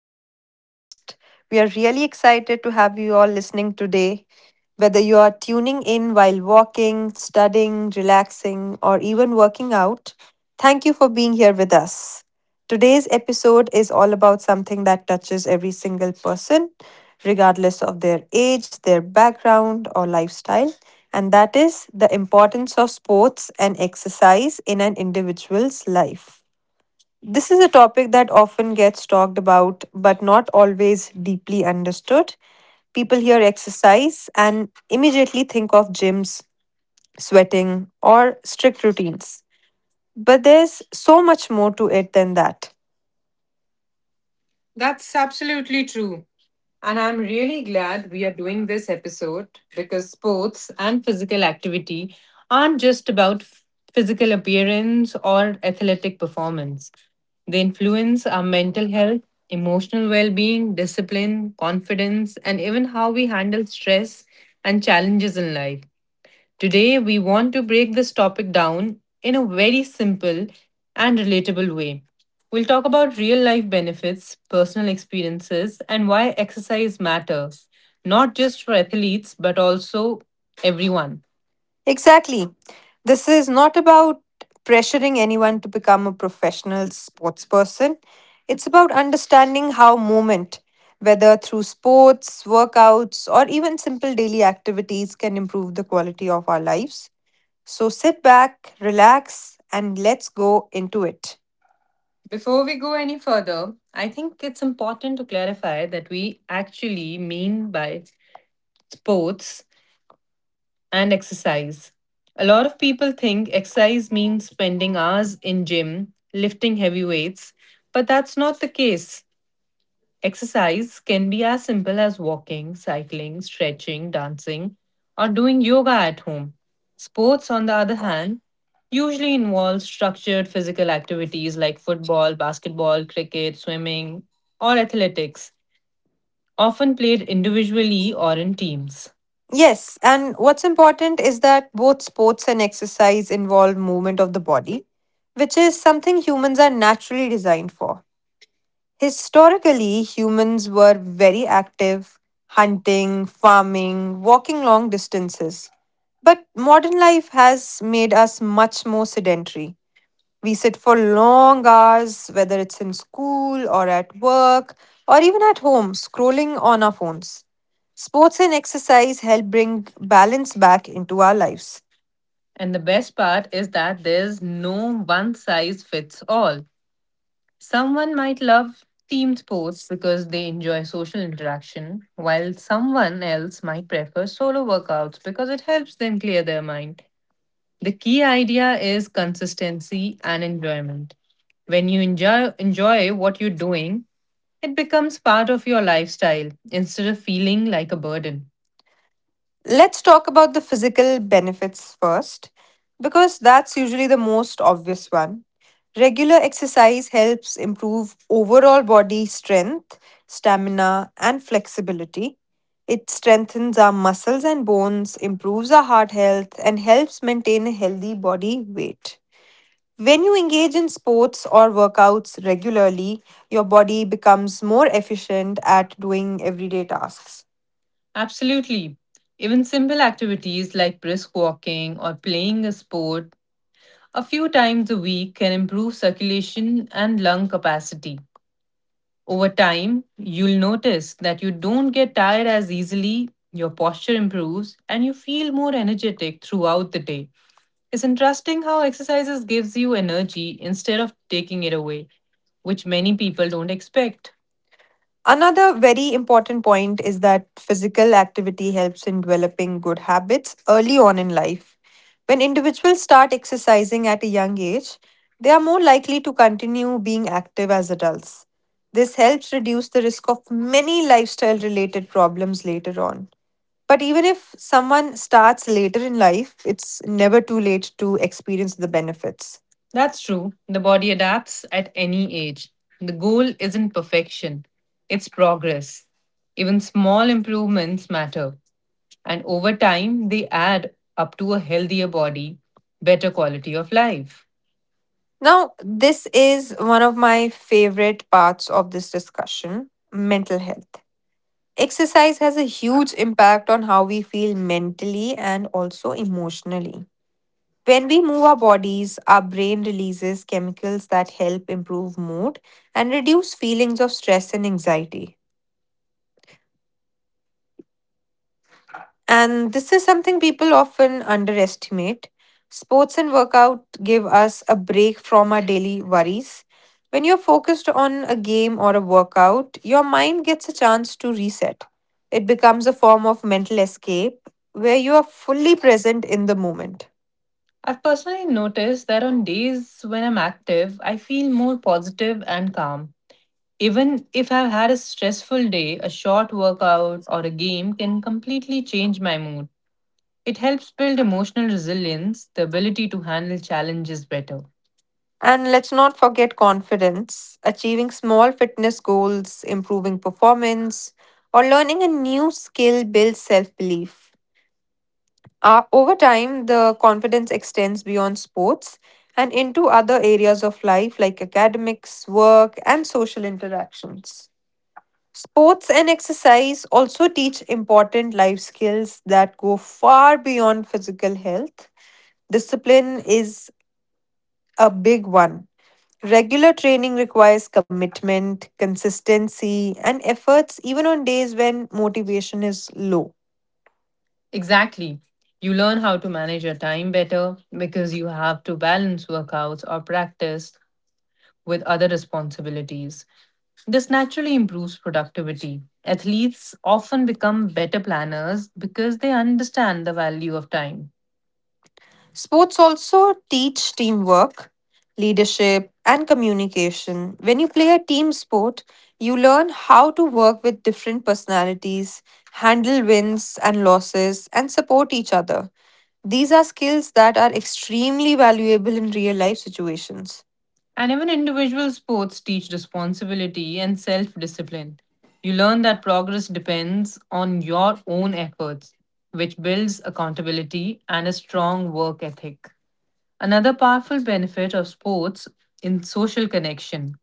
our podcast. We are really excited to have you all listening today. Whether you are tuning in while walking, studying, relaxing, or even working out, thank you for being here with us. Today's episode is all about something that touches every single person, regardless of their age, their background, or lifestyle, and that is the importance of sports and exercise in an individual's life. This is a topic that often gets talked about but not always deeply understood. People hear exercise and immediately think of gyms, sweating, or strict routines. But there's so much more to it than that. That's absolutely true. And I'm really glad we are doing this episode because sports and physical activity aren't just about physical appearance or athletic performance. They influence our mental health, emotional well being, discipline, confidence, and even how we handle stress and challenges in life. Today, we want to break this topic down in a very simple and relatable way. We'll talk about real life benefits, personal experiences, and why exercise matters, not just for athletes, but also everyone. Exactly. This is not about pressuring anyone to become a professional sports person. It's about understanding how movement, whether through sports, workouts, or even simple daily activities, can improve the quality of our lives. So sit back, relax, and let's go into it. Before we go any further, I think it's important to clarify that we actually mean by sports and exercise. A lot of people think exercise means spending hours in gym lifting heavy weights, but that's not the case. Exercise can be as simple as walking, cycling, stretching, dancing, or doing yoga at home. Sports on the other hand usually involve structured physical activities like football, basketball, cricket, swimming, or athletics often played individually or in teams. Yes, and what's important is that both sports and exercise involve movement of the body, which is something humans are naturally designed for. Historically, humans were very active, hunting, farming, walking long distances. But modern life has made us much more sedentary. We sit for long hours, whether it's in school or at work or even at home, scrolling on our phones. Sports and exercise help bring balance back into our lives. And the best part is that there's no one size fits all. Someone might love team sports because they enjoy social interaction, while someone else might prefer solo workouts because it helps them clear their mind. The key idea is consistency and enjoyment. When you enjoy what you're doing, it becomes part of your lifestyle instead of feeling like a burden. Let's talk about the physical benefits first, because that's usually the most obvious one. Regular exercise helps improve overall body strength, stamina, and flexibility. It strengthens our muscles and bones, improves our heart health, and helps maintain a healthy body weight. When you engage in sports or workouts regularly, your body becomes more efficient at doing everyday tasks. Absolutely. Even simple activities like brisk walking or playing a sport a few times a week can improve circulation and lung capacity. Over time, you'll notice that you don't get tired as easily, your posture improves, and you feel more energetic throughout the day. It's interesting how exercises gives you energy instead of taking it away, which many people don't expect. Another very important point is that physical activity helps in developing good habits early on in life. When individuals start exercising at a young age, they are more likely to continue being active as adults. This helps reduce the risk of many lifestyle related problems later on. But even if someone starts later in life, it's never too late to experience the benefits. That's true. The body adapts at any age. The goal isn't perfection, it's progress. Even small improvements matter. And over time, they add up to a healthier body, better quality of life. Now, this is one of my favorite parts of this discussion mental health. Exercise has a huge impact on how we feel mentally and also emotionally. When we move our bodies, our brain releases chemicals that help improve mood and reduce feelings of stress and anxiety. And this is something people often underestimate. Sports and workout give us a break from our daily worries. When you're focused on a game or a workout, your mind gets a chance to reset. It becomes a form of mental escape where you are fully present in the moment. I've personally noticed that on days when I'm active, I feel more positive and calm. Even if I've had a stressful day, a short workout or a game can completely change my mood. It helps build emotional resilience, the ability to handle challenges better. And let's not forget confidence. Achieving small fitness goals, improving performance, or learning a new skill builds self belief. Over time, the confidence extends beyond sports and into other areas of life like academics, work, and social interactions. Sports and exercise also teach important life skills that go far beyond physical health. Discipline is a big one. Regular training requires commitment, consistency, and efforts even on days when motivation is low. Exactly. You learn how to manage your time better because you have to balance workouts or practice with other responsibilities. This naturally improves productivity. Athletes often become better planners because they understand the value of time. Sports also teach teamwork, leadership, and communication. When you play a team sport, you learn how to work with different personalities, handle wins and losses, and support each other. These are skills that are extremely valuable in real life situations. And even individual sports teach responsibility and self discipline. You learn that progress depends on your own efforts, which builds accountability and a strong work ethic. Another powerful benefit of sports in social connection.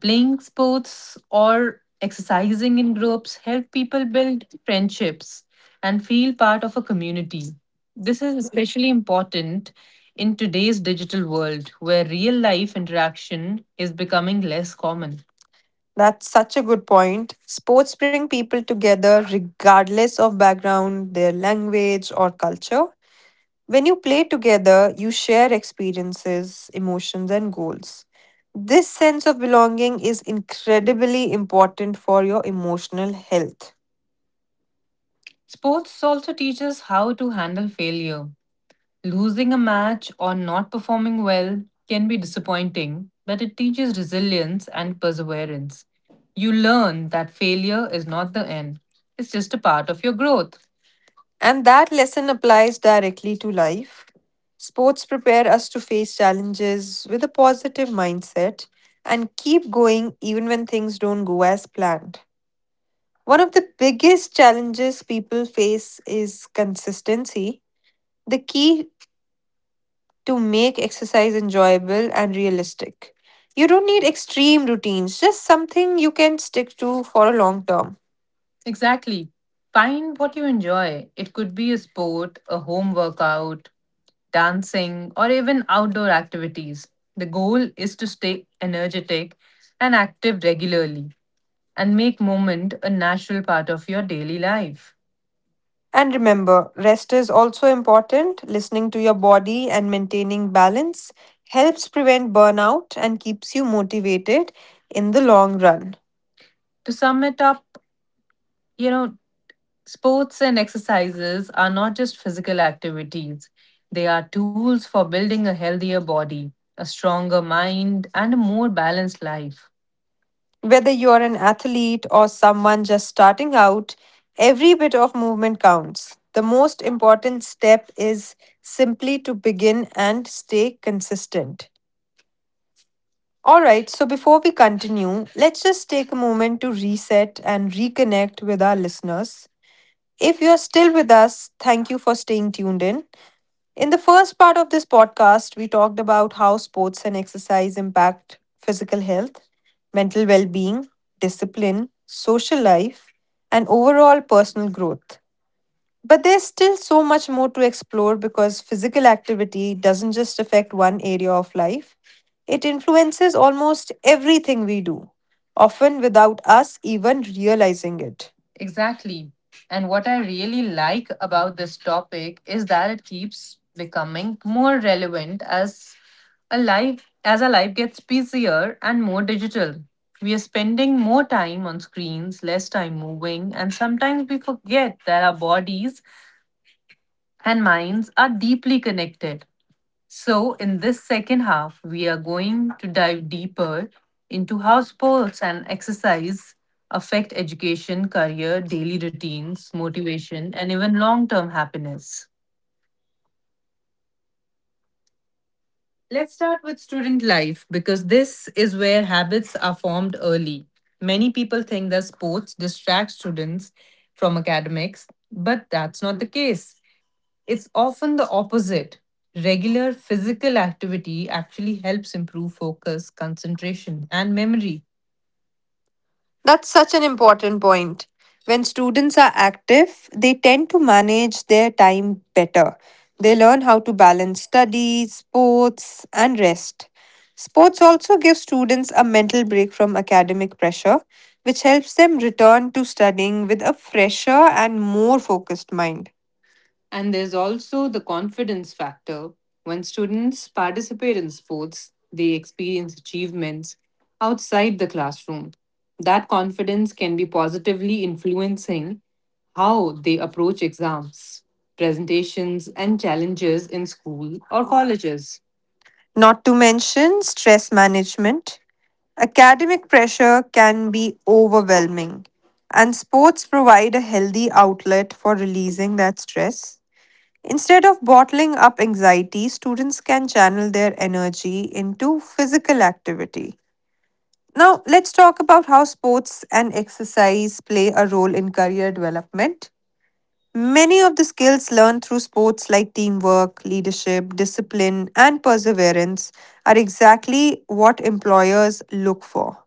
Playing sports or exercising in groups help people build friendships and feel part of a community. This is especially important in today's digital world where real life interaction is becoming less common. That's such a good point. Sports bring people together regardless of background, their language, or culture. When you play together, you share experiences, emotions, and goals. This sense of belonging is incredibly important for your emotional health. Sports also teach us how to handle failure. Losing a match or not performing well can be disappointing, but it teaches resilience and perseverance. You learn that failure is not the end, it's just a part of your growth. And that lesson applies directly to life. Sports prepare us to face challenges with a positive mindset and keep going even when things don't go as planned. One of the biggest challenges people face is consistency, the key to make exercise enjoyable and realistic. You don't need extreme routines, just something you can stick to for a long term. Exactly. Find what you enjoy. It could be a sport, a home workout, dancing, or even outdoor activities. The goal is to stay energetic and active regularly and make movement a natural part of your daily life. And remember, rest is also important. Listening to your body and maintaining balance helps prevent burnout and keeps you motivated in the long run. To sum it up, you know, sports and exercises are not just physical activities, they are tools for building a healthier body, a stronger mind, and a more balanced life. Whether you're an athlete or someone just starting out, every bit of movement counts. The most important step is simply to begin and stay consistent. Alright, so before we continue, let's just take a moment to reset and reconnect with our listeners. If you're still with us, thank you for staying tuned in. In the first part of this podcast, we talked about how sports and exercise impact physical health, mental well being, discipline, social life, and overall personal growth. But there's still so much more to explore because physical activity doesn't just affect one area of life, it influences almost everything we do, often without us even realizing it. Exactly. And what I really like about this topic is that it keeps becoming more relevant as a life as our life gets busier and more digital. We are spending more time on screens, less time moving, and sometimes we forget that our bodies and minds are deeply connected. So, in this second half, we are going to dive deeper into how sports and exercise affect education, career, daily routines, motivation, and even long term happiness. Let's start with student life because this is where habits are formed early. Many people think that sports distract students from academics, but that's not the case. It's often the opposite. Regular physical activity actually helps improve focus, concentration, and memory. That's such an important point. When students are active, they tend to manage their time better. They learn how to balance studies, sports, and rest. Sports also give students a mental break from academic pressure, which helps them return to studying with a fresher and more focused mind. And there's also the confidence factor. When students participate in sports, they experience achievements outside the classroom. That confidence can be positively influencing how they approach exams, presentations, and challenges in school or colleges. Not to mention stress management. Academic pressure can be overwhelming, and sports provide a healthy outlet for releasing that stress. Instead of bottling up anxiety, students can channel their energy into physical activity. Now, let's talk about how sports and exercise play a role in career development. Many of the skills learned through sports, like teamwork, leadership, discipline, and perseverance, are exactly what employers look for.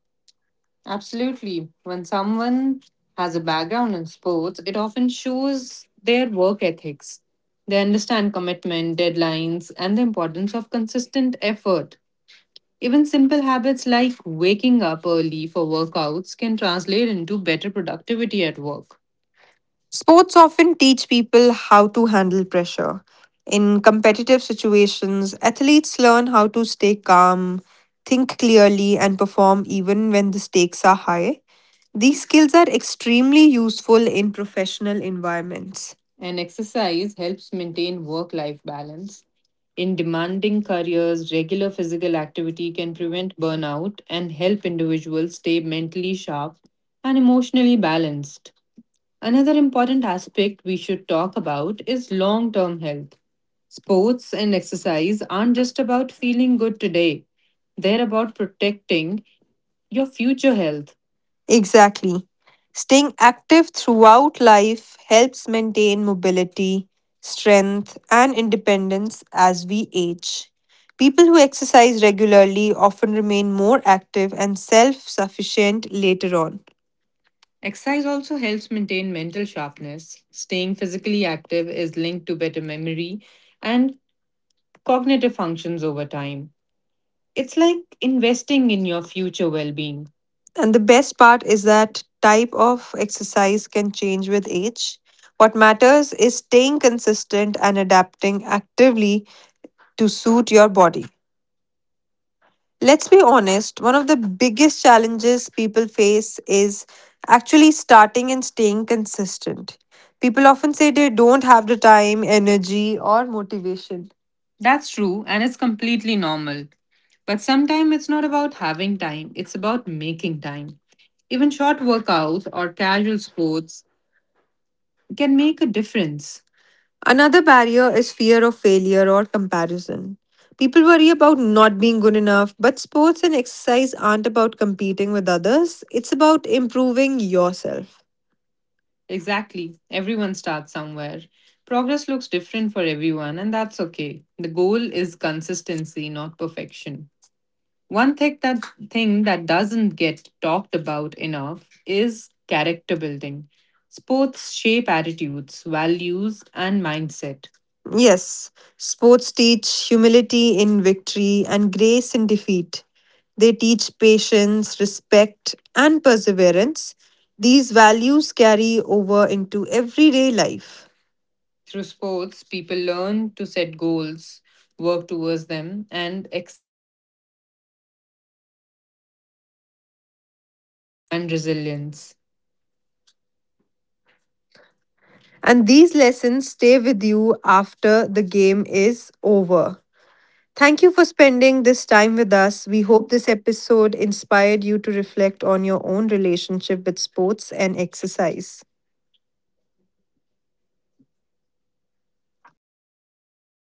Absolutely. When someone has a background in sports, it often shows their work ethics. They understand commitment, deadlines, and the importance of consistent effort. Even simple habits like waking up early for workouts can translate into better productivity at work. Sports often teach people how to handle pressure. In competitive situations, athletes learn how to stay calm, think clearly, and perform even when the stakes are high. These skills are extremely useful in professional environments. And exercise helps maintain work life balance. In demanding careers, regular physical activity can prevent burnout and help individuals stay mentally sharp and emotionally balanced. Another important aspect we should talk about is long term health. Sports and exercise aren't just about feeling good today, they're about protecting your future health. Exactly. Staying active throughout life helps maintain mobility, strength, and independence as we age. People who exercise regularly often remain more active and self sufficient later on. Exercise also helps maintain mental sharpness. Staying physically active is linked to better memory and cognitive functions over time. It's like investing in your future well being. And the best part is that type of exercise can change with age. What matters is staying consistent and adapting actively to suit your body. Let's be honest, one of the biggest challenges people face is actually starting and staying consistent. People often say they don't have the time, energy, or motivation. That's true, and it's completely normal. But sometimes it's not about having time, it's about making time. Even short workouts or casual sports can make a difference. Another barrier is fear of failure or comparison. People worry about not being good enough, but sports and exercise aren't about competing with others, it's about improving yourself. Exactly. Everyone starts somewhere. Progress looks different for everyone, and that's okay. The goal is consistency, not perfection. One thing that doesn't get talked about enough is character building. Sports shape attitudes, values, and mindset. Yes, sports teach humility in victory and grace in defeat. They teach patience, respect, and perseverance. These values carry over into everyday life. Through sports, people learn to set goals, work towards them, and And resilience. And these lessons stay with you after the game is over. Thank you for spending this time with us. We hope this episode inspired you to reflect on your own relationship with sports and exercise.